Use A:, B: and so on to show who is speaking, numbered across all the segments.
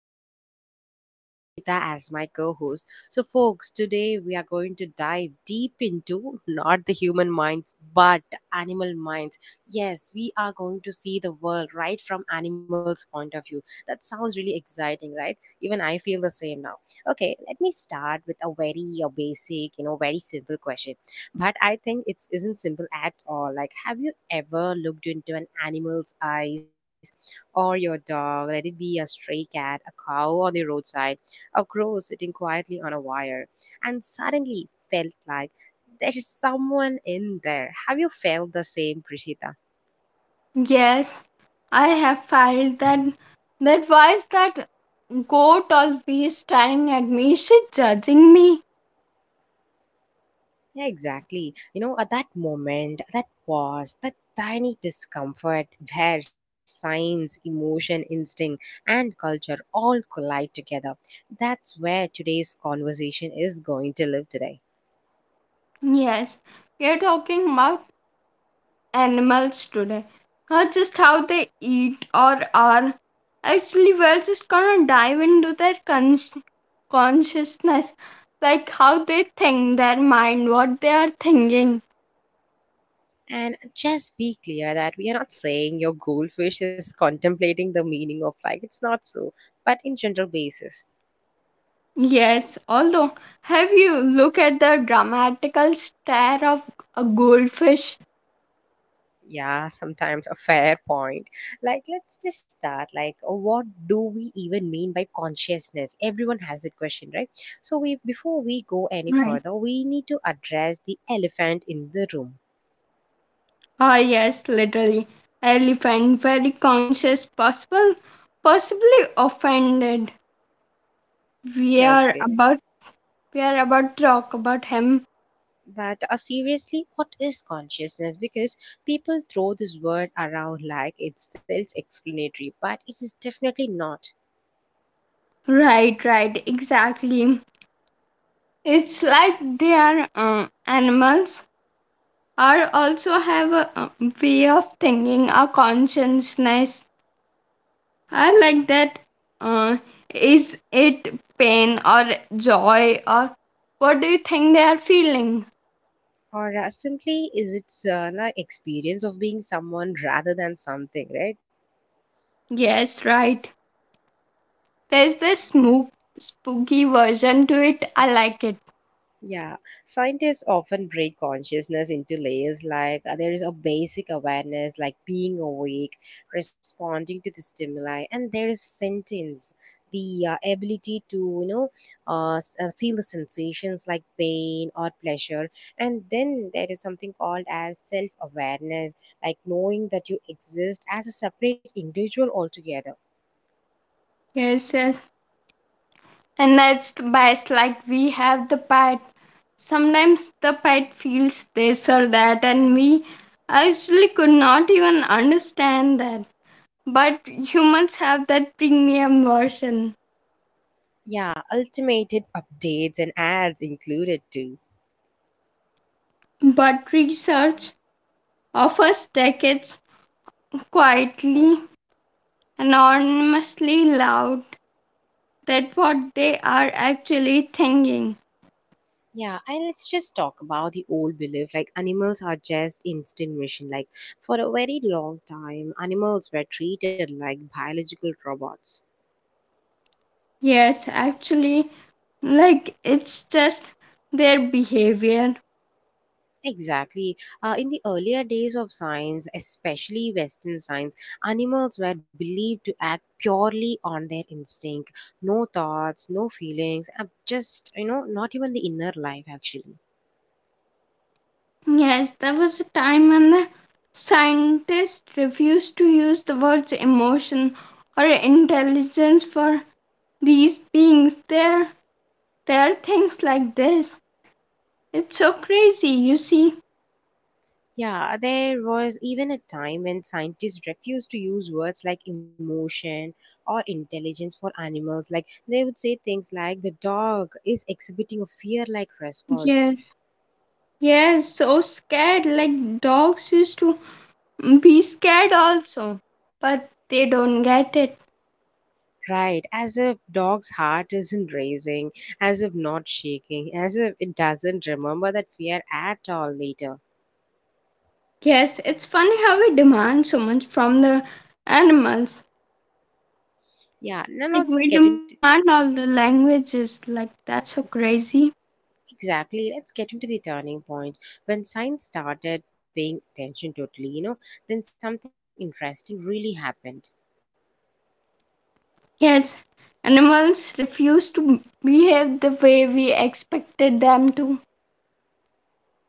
A: and with me I have Prishita as my co host. So, folks, today we are going to dive deep into not the human minds but animal minds. Yes, we are going to see the world right from animals' point of view. That sounds really exciting, right? Even I feel the same now. Okay, let me start with a very basic, very simple question, but I think it isn't simple at all. Like, have you ever looked into an animal's eyes? Or your dog, let it be a stray cat, a cow on the roadside, a crow sitting quietly on a wire, and suddenly felt like there is someone in there. Have you felt the same, Prishita?
B: Yes, I have felt that voice that goat always staring at me. Is she judging me?
A: Yeah, exactly. You know, at that moment, that pause, that tiny discomfort where science, emotion, instinct, and culture all collide together. That's where today's conversation is going to live today.
B: Yes, we are talking about animals today. Not just how they eat or are. Actually, we're just gonna dive into their consciousness, like how they think, their mind, what they are thinking.
A: And just be clear that we are not saying your goldfish is contemplating the meaning of life. It's not so, but in general basis.
B: Yes, although have you look at the dramatical stare of a goldfish?
A: Yeah, sometimes a fair point. Like, let's just start. Like, what do we even mean by consciousness? Everyone has that question, right? So, we before we go
B: Right.
A: any further, we need to address the elephant in the room.
B: Ah, yes, literally. Elephant, very conscious, possibly offended. We are
A: Okay.
B: about, we are about to talk about him.
A: But seriously, what is consciousness? Because people throw this word around like it's self explanatory, but it is definitely not.
B: Right, right, exactly. It's like they are animals are also have a way of thinking, a consciousness. I like that. Uh, is it pain or joy or what do you think they are feeling?
A: Or simply, is it like experience of being someone rather than something, right?
B: Yes, right. There's this spooky version to it. I like it.
A: Yeah, scientists often break consciousness into layers like there is a basic awareness, like being awake, responding to the stimuli, and there is sentience, the ability to, you know, feel the sensations like pain or pleasure. And then there is something called as self awareness, like knowing that you exist as a separate individual altogether.
B: Yes, yes. And that's the best. Like we have the pet. Sometimes the pet feels this or that, and we actually could not even understand that. But humans have that premium version.
A: Yeah, ultimated updates and ads included too.
B: But research offers decades quietly, anonymously loud that what they are actually thinking.
A: Yeah, and let's just talk about the old belief like animals are just extinction. Like for a very long time, animals were treated like biological robots.
B: Yes, actually, like it's just their behavior.
A: Exactly. In the earlier days of science, especially Western science, animals were believed to act purely on their instinct. No thoughts, no feelings, just, you know, not even the inner life actually.
B: Yes, there was a time when the scientists refused to use the words emotion or intelligence for these beings. There are things like this. It's so crazy, you see.
A: Yeah, there was even a time when scientists refused to use words like emotion or intelligence for animals. Like they would say things like the dog is exhibiting a fear like response.
B: Yes. Yes, so scared. Like dogs used to be scared also, but they don't get it.
A: Right, as if dog's heart isn't racing, as if not shaking, as if it doesn't remember that fear at all later.
B: Yes, it's funny how we demand so much from the animals.
A: Yeah, no, not sca-
B: Like we demand all the languages, like that's so crazy.
A: exactly. Let's get into the turning point when science started paying attention totally. You know, then something interesting really happened.
B: Yes, animals refuse to behave the way we expected them to.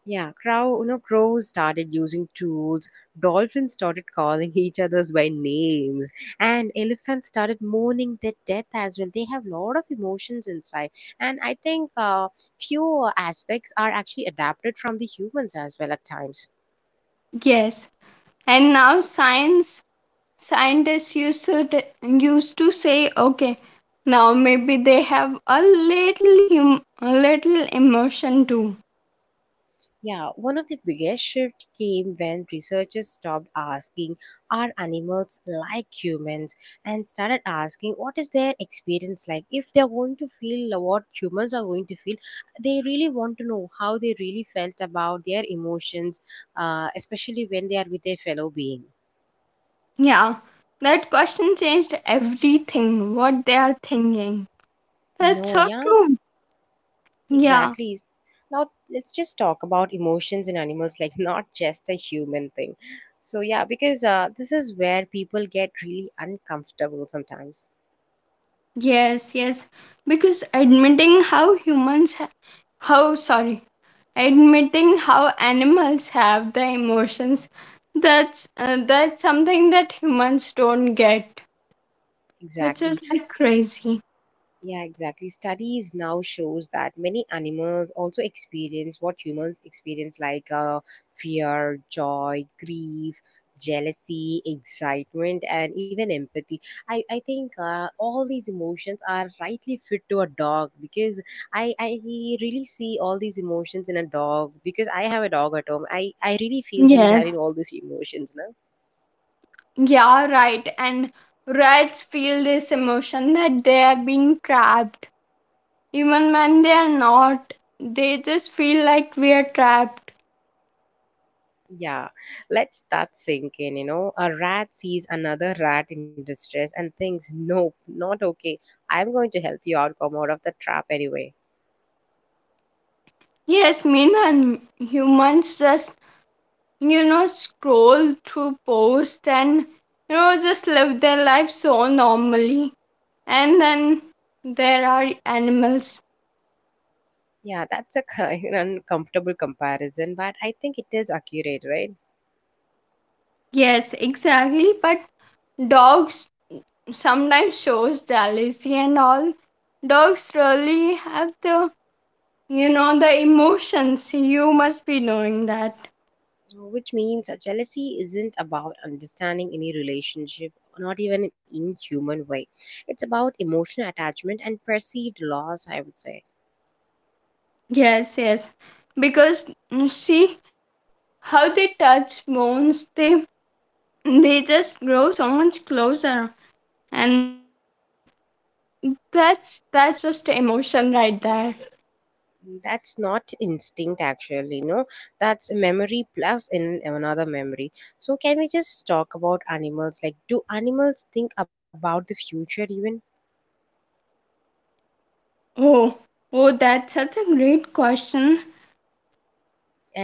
A: Yeah, crow, you know, crows started using tools, dolphins started calling each others by names, and elephants started mourning their death as well. They have a lot of emotions inside, and I think few aspects are actually adapted from the humans as well at times.
B: Yes, and now science scientists used to say, okay, now maybe they have a little hum, a little emotion too.
A: Yeah, one of the biggest shifts came when researchers stopped asking, are animals like humans? And started asking, what is their experience like? If they're going to feel what humans are going to feel, they really want to know how they really felt about their emotions, especially when they are with their fellow being.
B: Yeah, that question changed everything. What they are thinking. That's
A: No,
B: so
A: yeah.
B: true. Yeah.
A: Exactly. Now let's just talk about emotions in animals, like not just a human thing. So yeah, because this is where people get really uncomfortable sometimes.
B: Yes, yes. Because admitting how humans, ha- how sorry, admitting how animals have the emotions, that's something that humans don't get, which is
A: Exactly.
B: like crazy.
A: Yeah, exactly. Studies now shows that many animals also experience what humans experience, like fear, joy, grief, jealousy, excitement, and even empathy. I think all these emotions are rightly fit to a dog because I really see all these emotions in a dog because I have a dog at home. I really feel he's
B: Yes.
A: having all these emotions.
B: Yeah, right. And rats feel this emotion that they are being trapped, even when they are not. They just feel like we are trapped.
A: Yeah, let us start sinking. You know, a rat sees another rat in distress and thinks, nope, not okay. I'm going to help you out, come out of the trap anyway.
B: Yes, mean and humans just scroll through posts and, just live their life so normally. And then there are animals.
A: Yeah, that's a kind of uncomfortable comparison, but I think it is accurate, right?
B: Yes, exactly. But dogs sometimes shows jealousy and all. Dogs really have the emotions. You must be knowing that.
A: Which means jealousy isn't about understanding any relationship, not even in inhuman way. It's about emotional attachment and perceived loss, I would say.
B: Yes, yes. Because see how they touch bones, they just grow so much closer, and that's just emotion right there.
A: That's not instinct, actually. No, that's memory plus in another memory. So, can we just talk about animals? Like, do animals think about the future even?
B: Oh, oh, that's such a great question.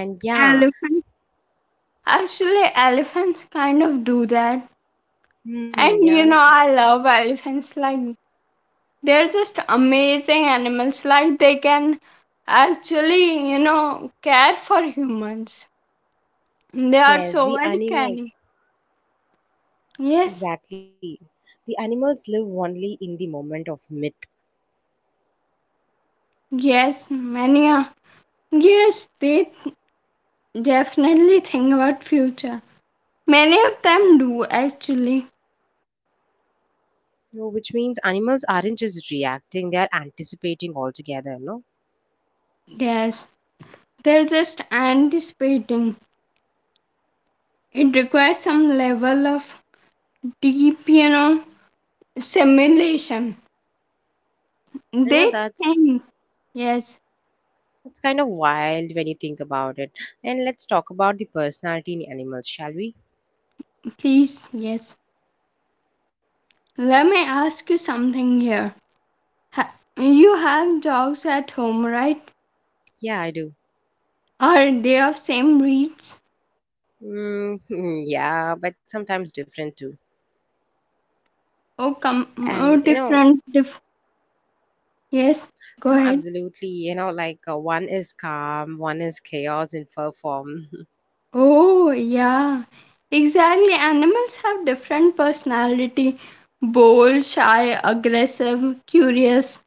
A: And yeah,
B: Elephants. Actually, elephants kind of do that.
A: hmm,
B: And you
A: yeah,
B: know, I love elephants. Like, they're just amazing animals. Like, they can actually, care for humans. They are so
A: yes,
B: very
A: the
B: caring.
A: animals
B: Yes,
A: exactly. The animals live only in the moment of myth,
B: yes, many are. Yes, they definitely think about future. Many of them do actually.
A: no, which means animals aren't just reacting; they are anticipating altogether. No,
B: Yes, they're just anticipating. It requires some level of deep, simulation.
A: I know
B: They
A: that's.
B: think, yes,
A: that's kind of wild when you think about it. And let's talk about the personality in animals, shall we?
B: please, yes. Let me ask you something here. You have dogs at home, right?
A: Yeah, I do.
B: Are they of same breeds?
A: Mm, yeah, but sometimes different too.
B: Oh, come,
A: And
B: oh, different, yes,
A: you know,
B: go ahead.
A: absolutely. You know, like one is calm, one is chaos in fur form.
B: Oh, yeah, exactly. Animals have different personality: bold, shy, aggressive, curious.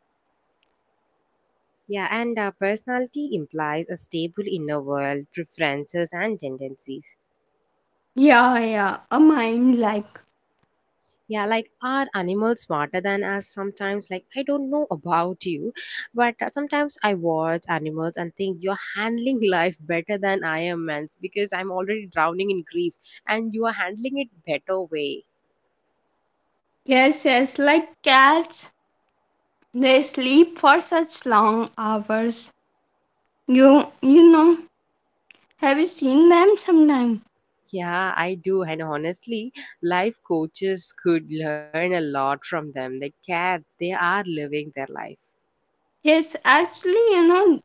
A: Yeah, and personality implies a stable inner world, preferences, and tendencies.
B: Yeah, yeah, a mind like.
A: Yeah, like are animals smarter than us sometimes? Like, I don't know about you, but sometimes I watch animals and think you're handling life better than I am, man, because I'm already drowning in grief and you are handling it better way.
B: Yes, yes, like cats. They sleep for such long hours. You, you know, have you seen them sometime?
A: Yeah, I do. And honestly, life coaches could learn a lot from them. They care, they are living their life.
B: Yes, actually,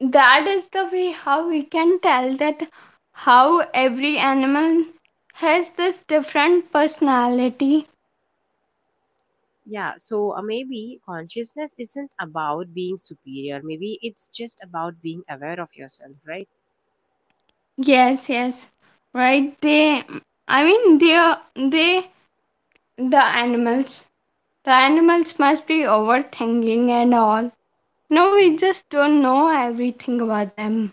B: that is the way how we can tell that how every animal has this different personality.
A: Yeah, so maybe consciousness isn't about being superior. Maybe it's just about being aware of yourself, right?
B: Yes, yes, right. They, I mean, they, the animals, the animals must be overthinking and all. No,
A: Mm.
B: we just don't know everything about them.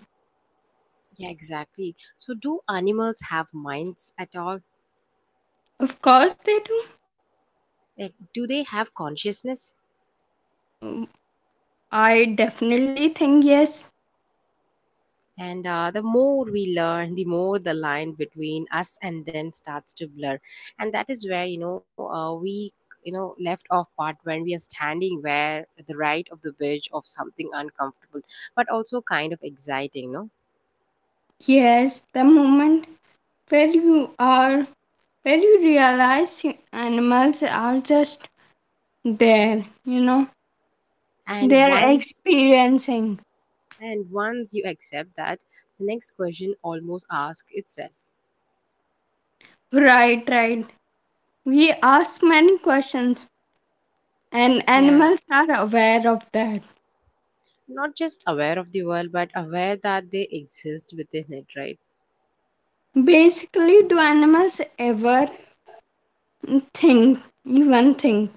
A: Yeah, exactly. So, do animals have minds at all?
B: Of course, they do.
A: Like, do they have consciousness?
B: Mm, I definitely think yes,
A: And the more we learn, the more the line between us and them starts to blur. And that is where, you know, you know, left off part when we are standing where the right of the bridge of something uncomfortable, but also kind of exciting, no?
B: yes. The moment where you are, where you realize animals are just there,
A: And
B: they're
A: once
B: experiencing.
A: and once you accept that, the next question almost asks itself.
B: Right, right. We ask many questions and
A: Yeah,
B: animals are aware of that.
A: not just aware of the world, but aware that they exist within it, right?
B: Basically, do animals ever think, even think?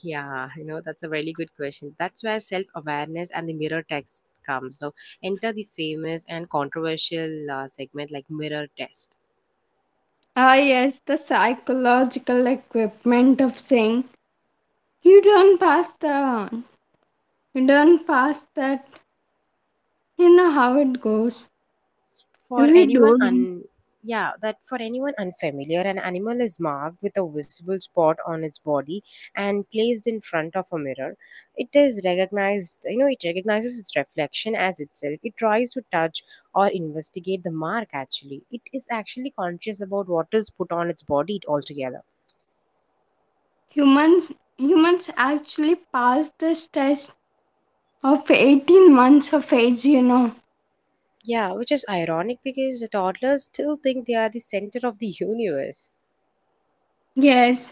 A: Yeah, you know, that's a really good question. That's where self awareness and the mirror text comes. Now, enter the famous and controversial segment like mirror test.
B: Ah, yes, the psychological equipment of saying, you don't pass the, you don't pass that, you know how it goes. If
A: For
B: you
A: anyone
B: don't,
A: un yeah, that for anyone unfamiliar, an animal is marked with a visible spot on its body and placed in front of a mirror. It is recognized, you know, it recognizes its reflection as itself. It tries to touch or investigate the mark actually. It is actually conscious about what is put on its body altogether.
B: humans actually pass this test of 18 months of age.
A: Yeah, which is ironic because the toddlers still think they are the center of the universe.
B: Yes,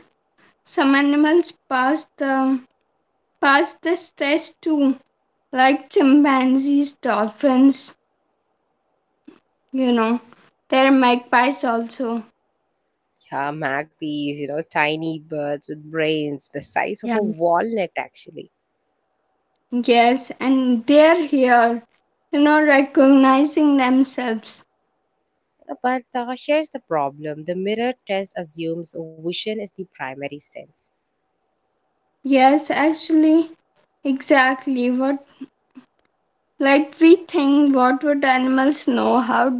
B: some animals pass this test too, like chimpanzees, dolphins, you know. There are magpies also.
A: Yeah, magpies, you know, tiny birds with brains the size of
B: Yeah.
A: a walnut, actually.
B: Yes, and they're here, recognizing themselves.
A: But here's the problem the mirror test assumes vision is the primary sense.
B: Yes, actually, exactly what like we think what would animals know how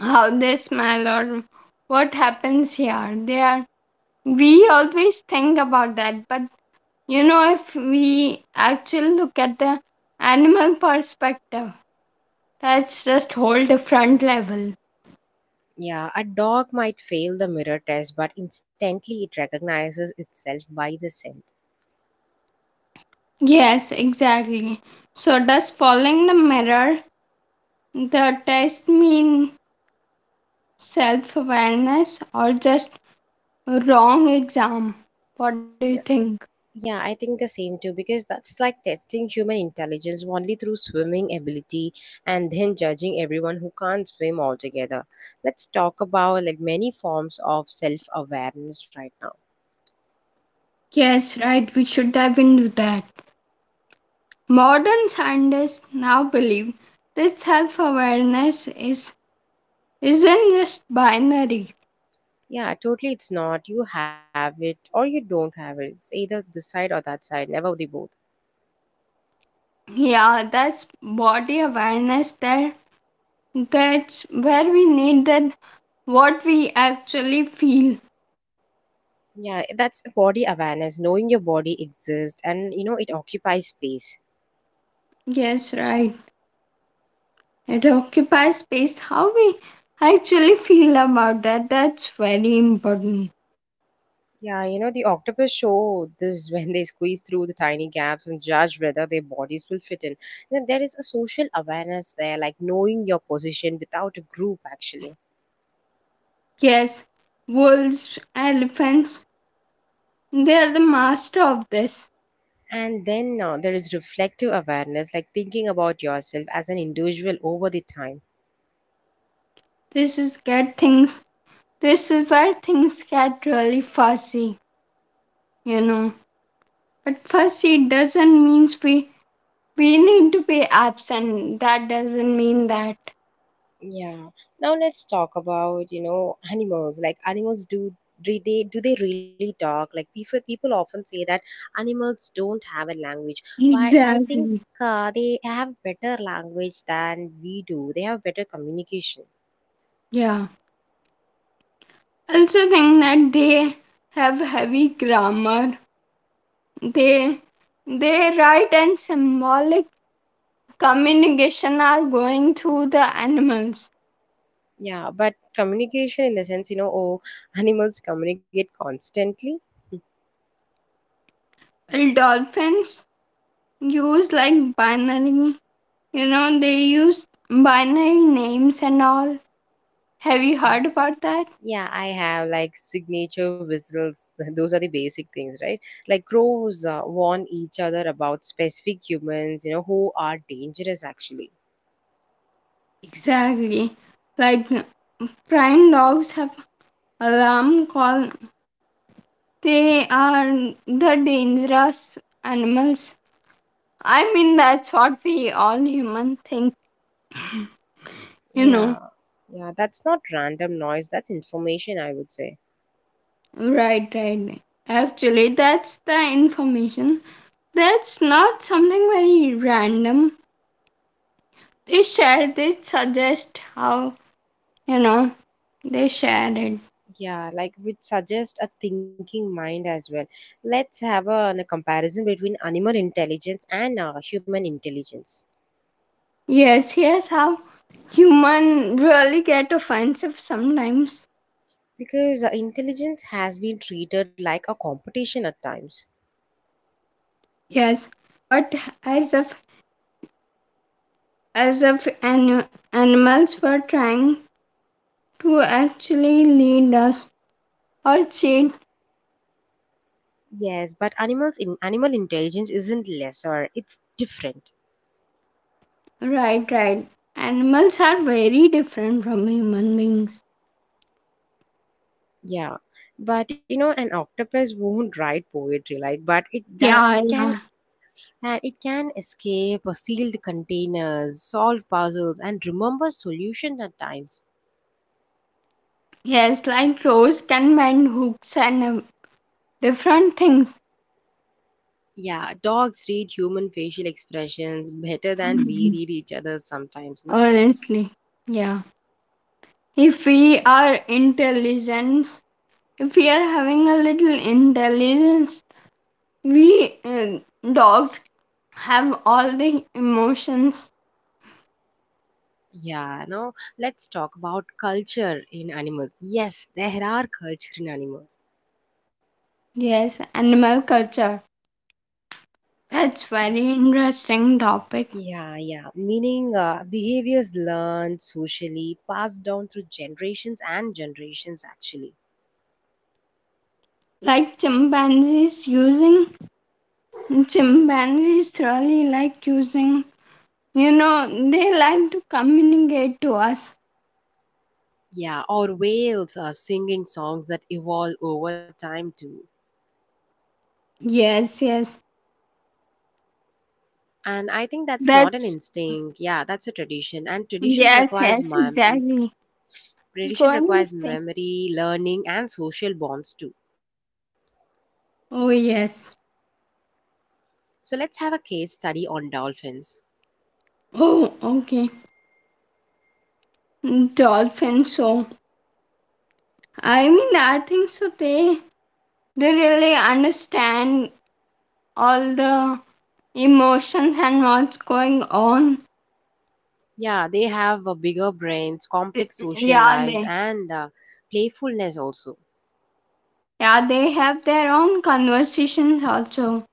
B: how they smell or what happens here. They are we always think about that, but if we actually look at the animal perspective. That's just whole different level.
A: Yeah, a dog might fail the mirror test, but instantly it recognizes itself by the scent.
B: Yes, exactly. So does following the test mean self-awareness or just wrong exam? What do you think?
A: Yeah, I think the same too because that's like testing human intelligence only through swimming ability and then judging everyone who can't swim altogether. Let's talk about like many forms of self-awareness right now.
B: Yes, right, we should dive into that. Modern scientists now believe that self-awareness is isn't just binary.
A: Yeah, totally it's not you have it or you don't have it. It's either this side or that side, never the both.
B: Yeah, that's body awareness there. That's where we need that what we actually feel.
A: Yeah, that's body awareness, knowing your body exists and you know it occupies space.
B: Yes, right. It occupies space how we actually feel about that. That's very important.
A: Yeah, you know, the octopus show this when they squeeze through the tiny gaps and judge whether their bodies will fit in. You know, there is a social awareness there, like knowing your position without a group, actually.
B: Yes, wolves, elephants, they are the master of this.
A: And then there is reflective awareness, like thinking about yourself as an individual over the time.
B: This is get things. This is where things get really fussy, you know. But fussy doesn't mean we need to be absent. That doesn't mean that.
A: Yeah. Now let's talk about, you know, animals. Like animals do they really talk? Like people people often say that animals don't have a language, but I think
B: Exactly.
A: they have better language than we do. They have better communication.
B: Yeah. Also think that they have heavy grammar. They they write and symbolic communication are going through the animals.
A: Yeah, but communication in the sense, you know, oh, animals communicate constantly.
B: Dolphins use like binary, they use binary names and all. Have you heard about that?
A: Yeah, I have like signature whistles. Those are the basic things, right? Like crows warn each other about specific humans, you know, who are dangerous actually.
B: Exactly. Like prime dogs have alarm call. They are the dangerous animals, I mean, that's what we all human think, you know.
A: Yeah, yeah, that's not random noise, that's information, I would say.
B: Right, right. Actually, that's the information. That's not something very random. They suggest how, you know, they share it.
A: Yeah, like which suggest a thinking mind as well. Let's have a comparison between animal intelligence and human intelligence.
B: Yes, here's how human really get offensive sometimes.
A: Because intelligence has been treated like a competition at times.
B: Yes, but as if, as if, animals were trying to actually lead us or cheat.
A: Yes, but animals in animal intelligence isn't lesser, it's different.
B: Right, right. Animals are very different from human beings.
A: Yeah. But you know an octopus won't write poetry like but it does
B: Yeah,
A: it
B: yeah.
A: can and it can escape sealed containers, solve puzzles and remember solutions at times.
B: Yes, like crows can bend hooks and different things.
A: Yeah, dogs read human facial expressions better than we
B: Mhm.
A: readers sometimes, no?
B: Honestly, yeah. If we are intelligent, if we are having a little intelligence, we dogs have all the emotions.
A: Yeah, no. Let's talk about culture in animals. Yes, there are culture in animals.
B: Yes, animal culture. That's very interesting topic.
A: Yeah, yeah. Meaning behaviors learned socially, passed down through generations and generations, actually.
B: Like chimpanzees really like using, you know, they like to communicate to us.
A: Yeah, or whales are singing songs that evolve over time too.
B: Yes, yes.
A: And I think that's not an
B: That's,
A: instinct. Yeah, that's a tradition. And tradition
B: yes,
A: requires
B: yes, exactly. It's
A: tradition
B: going to
A: requires
B: say.
A: memory, learning, and social bonds too.
B: Oh, yes.
A: So let's have a case study on dolphins.
B: Oh, okay. Dolphins, so. I mean, I think so. They really understand all the emotions and what's going on.
A: Yeah, they have bigger brains, complex social
B: Yeah,
A: lives,
B: they.
A: and playfulness also.
B: Yeah, they have their own conversations also.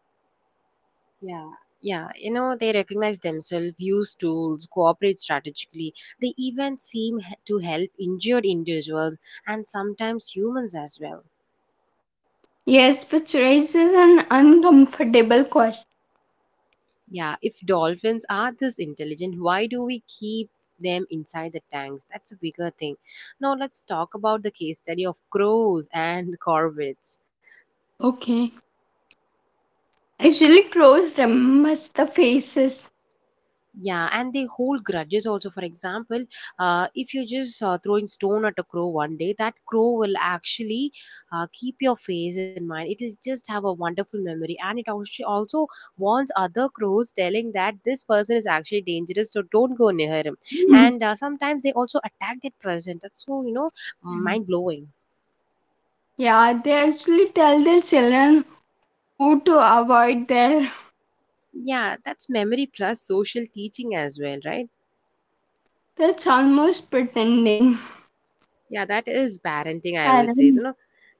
A: Yeah, yeah. You know, they recognize themselves, use tools, cooperate strategically. They even seem to help injured individuals and sometimes humans as well.
B: Yes, which raises an uncomfortable question.
A: Yeah, if dolphins are this intelligent, why do we keep them inside the tanks? That's a bigger thing. Now, let's talk about the case study of crows and corvids.
B: Okay. Actually, crows remembers the faces.
A: Yeah, and they hold grudges also. For example, if you just throwing stone at a crow one day, that crow will actually keep your face in mind. It will just have a wonderful memory, and it also warns other crows, telling that this person is actually dangerous, so don't go near him.
B: Mhm.
A: And sometimes they also attack that person. That's so
B: Mhm.
A: mind blowing.
B: Yeah, they actually tell their children who to avoid there.
A: Yeah, that's memory plus social teaching as well, right?
B: That's almost pretending.
A: Yeah, that is parenting, I would say. You
B: Parent.
A: know,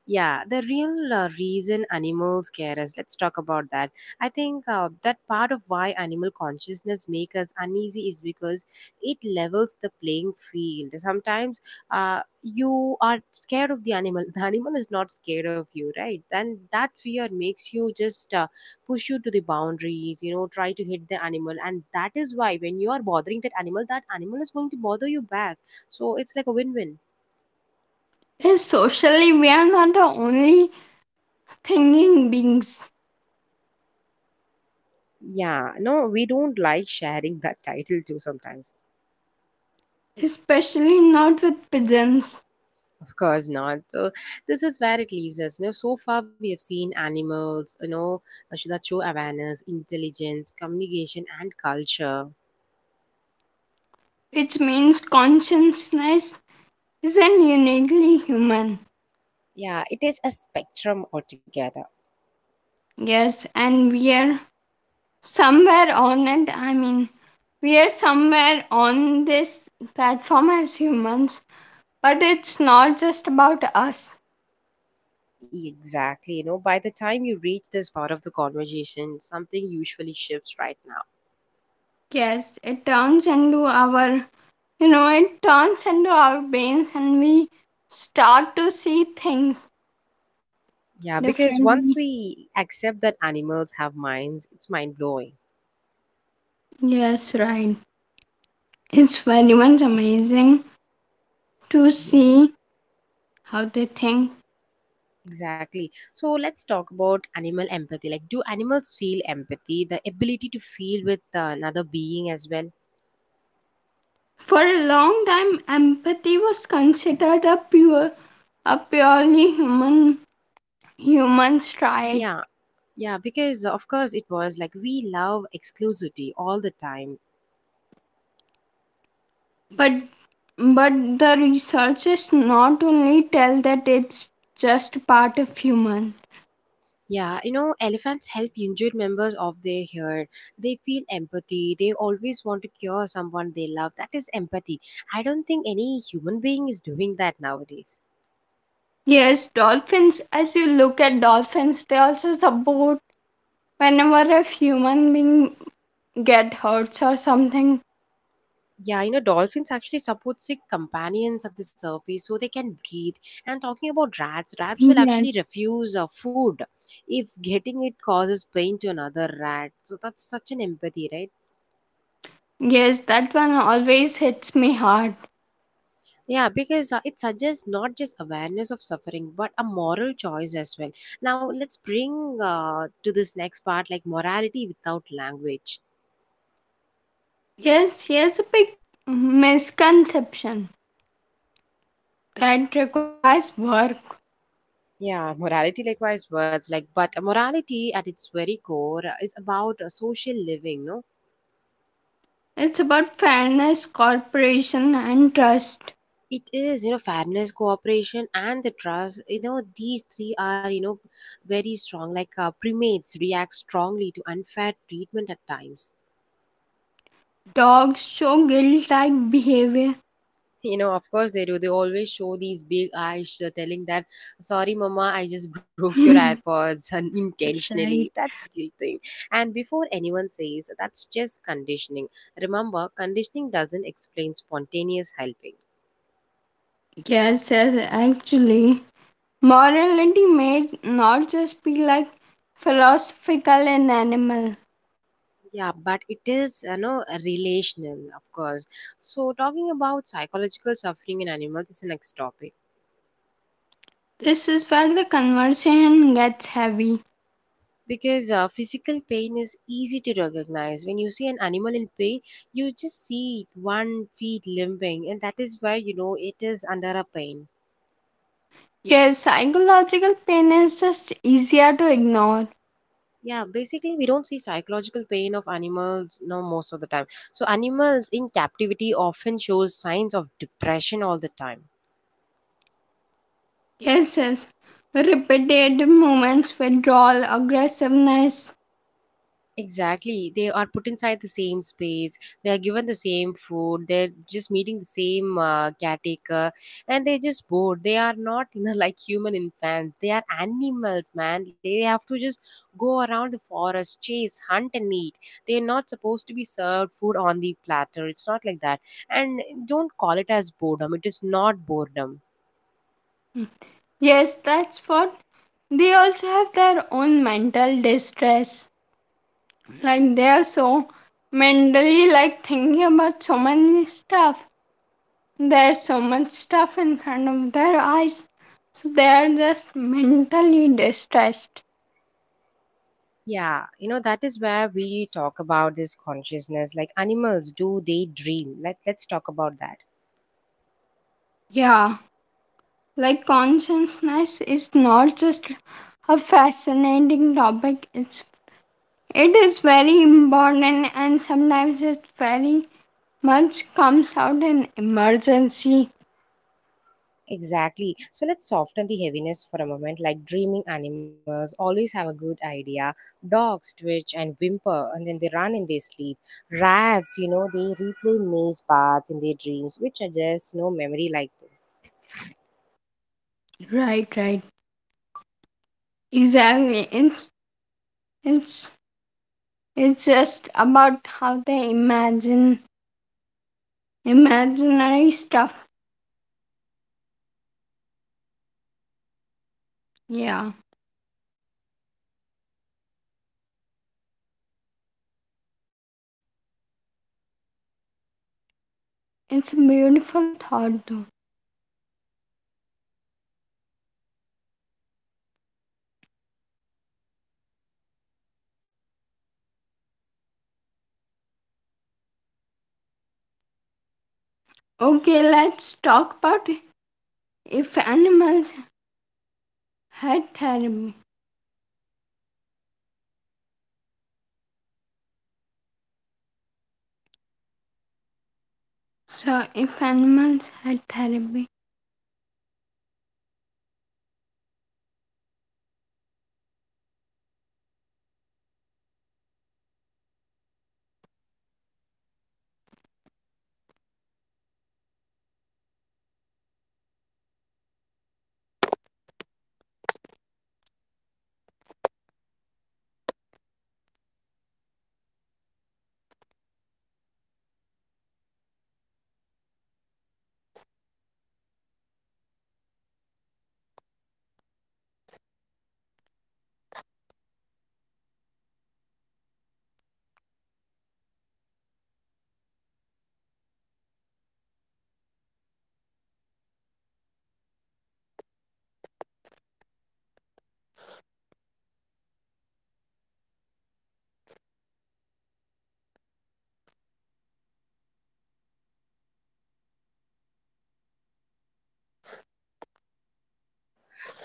A: yeah, the real reason animals care us. Let's talk about that. I think that part of why animal consciousness makes us uneasy is because it levels the playing field. Sometimes you are scared of the animal. The animal is not scared of you, right? Then that fear makes you just push you to the boundaries. You know, try to hit the animal, and that is why when you are bothering that animal is going to bother you back. So it's like a win-win.
B: Yes, socially, we are not the only thinking beings,
A: Yeah, no, we don't like sharing that title too sometimes.
B: especially not with pigeons,
A: Of course not. So this is where it leaves us. You know, so far we have seen animals, you know, that show awareness, intelligence, communication, and culture.
B: which means consciousness isn't uniquely human.
A: Yeah, it is a spectrum altogether.
B: Yes, and we are somewhere on it. I mean, we are somewhere on this platform as humans, but it's not just about us.
A: Exactly. You know, by the time you reach this part of the conversation, something usually shifts right now.
B: Yes, it turns into our, you know, it turns into our brains and we start to see things
A: Yeah, because once
B: differently.
A: we accept that animals have minds, it's mind blowing.
B: Yes, right. It's very much amazing to
A: Yes.
B: see how they think.
A: Exactly. So let's talk about animal empathy. Like, do animals feel empathy, the ability to feel with another being as well?
B: For a long time, empathy was considered a purely human. Humans
A: Yeah,
B: tried,
A: yeah, because of course it was like we love exclusivity all the time.
B: but but the researchers not only tell that it's just part of human.
A: Yeah, you know, elephants help injured members of their herd. They feel empathy. They always want to cure someone they love. That is empathy. I don't think any human being is doing that nowadays.
B: Yes, dolphins, as you look at dolphins, they also support whenever a human being get hurts or something.
A: Yeah, you know, dolphins actually support sick companions at the surface so they can breathe. And talking about rats, rats will
B: Yes,
A: actually refuse food if getting it causes pain to another rat. So that's such an empathy, right?
B: yes, that one always hits me hard.
A: Yeah, because it suggests not just awareness of suffering, but a moral choice as well. Now, let's bring to this next part like morality without language.
B: Yes, here's a big misconception that requires work.
A: Yeah, morality likewise words like, but morality at its very core is about social living, no?
B: It's about fairness, cooperation, and trust.
A: It is, you know, fairness, cooperation, and the trust. You know, these three are, you know, very strong. Like primates react strongly to unfair treatment at times.
B: Dogs show guilt like behavior.
A: You know, of course they do. They always show these big eyes telling that, sorry, mama, I just broke your
B: That's
A: AirPods unintentionally.
B: right.
A: That's guilting. And before anyone says, that's just conditioning. Remember, conditioning doesn't explain spontaneous helping.
B: Yes, yes, actually. Morality may not just be like philosophical in animal.
A: Yeah, but it is, you know, relational, of course. So, talking about psychological suffering in animals is the next topic
B: This is where the conversation gets heavy.
A: because physical pain is easy to recognize. When you see an animal in pain, you just see it one feet limping, and that is why you know it is under a pain.
B: Yes, psychological pain is just easier to ignore.
A: Yeah, basically, we don't see psychological pain of animals, no, most of the time. So, animals in captivity often shows signs of depression all the time.
B: Yes, yes. Repetitive movements, withdrawal, aggressiveness.
A: Exactly. They are put inside the same space. They are given the same food. They're just meeting the same caretaker and they're just bored. They are not, you know, like human infants. They are animals, man. They have to just go around the forest, chase, hunt, and eat. They're not supposed to be served food on the platter. It's not like that. And don't call it as boredom. It is not boredom.
B: Yes, that's what they also have their own mental distress. Like they are so mentally like thinking about so many stuff. There's so much stuff in front of their eyes, so they are just mentally distressed.
A: Yeah, you know that is where we talk about this consciousness. Like animals, do they dream? Let's talk about that.
B: Yeah, like consciousness is not just a fascinating topic, it is very important, and sometimes it very much comes out in emergency.
A: Exactly. So let's soften the heaviness for a moment. Like dreaming animals always have a good idea. Dogs twitch and whimper and then they run in their sleep. Rats, you know, they replay maze paths in their dreams, which are just, you know, memory like.
B: Right, right, exactly. It's it's It's just about how they imagine imaginary stuff. Yeah, it's a beautiful thought though. Okay, let's talk about if animals had therapy. So, if animals had therapy,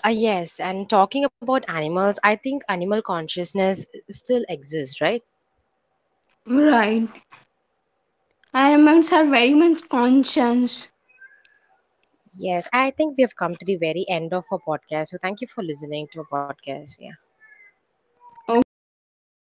A: Ah, yes, and talking about animals, I think animal consciousness still exists, right?
B: right? Animals are very much conscious.
A: Yes, I think we have come to the very end of our podcast. So thank you for listening to our podcast. Yeah.
B: Okay, yes,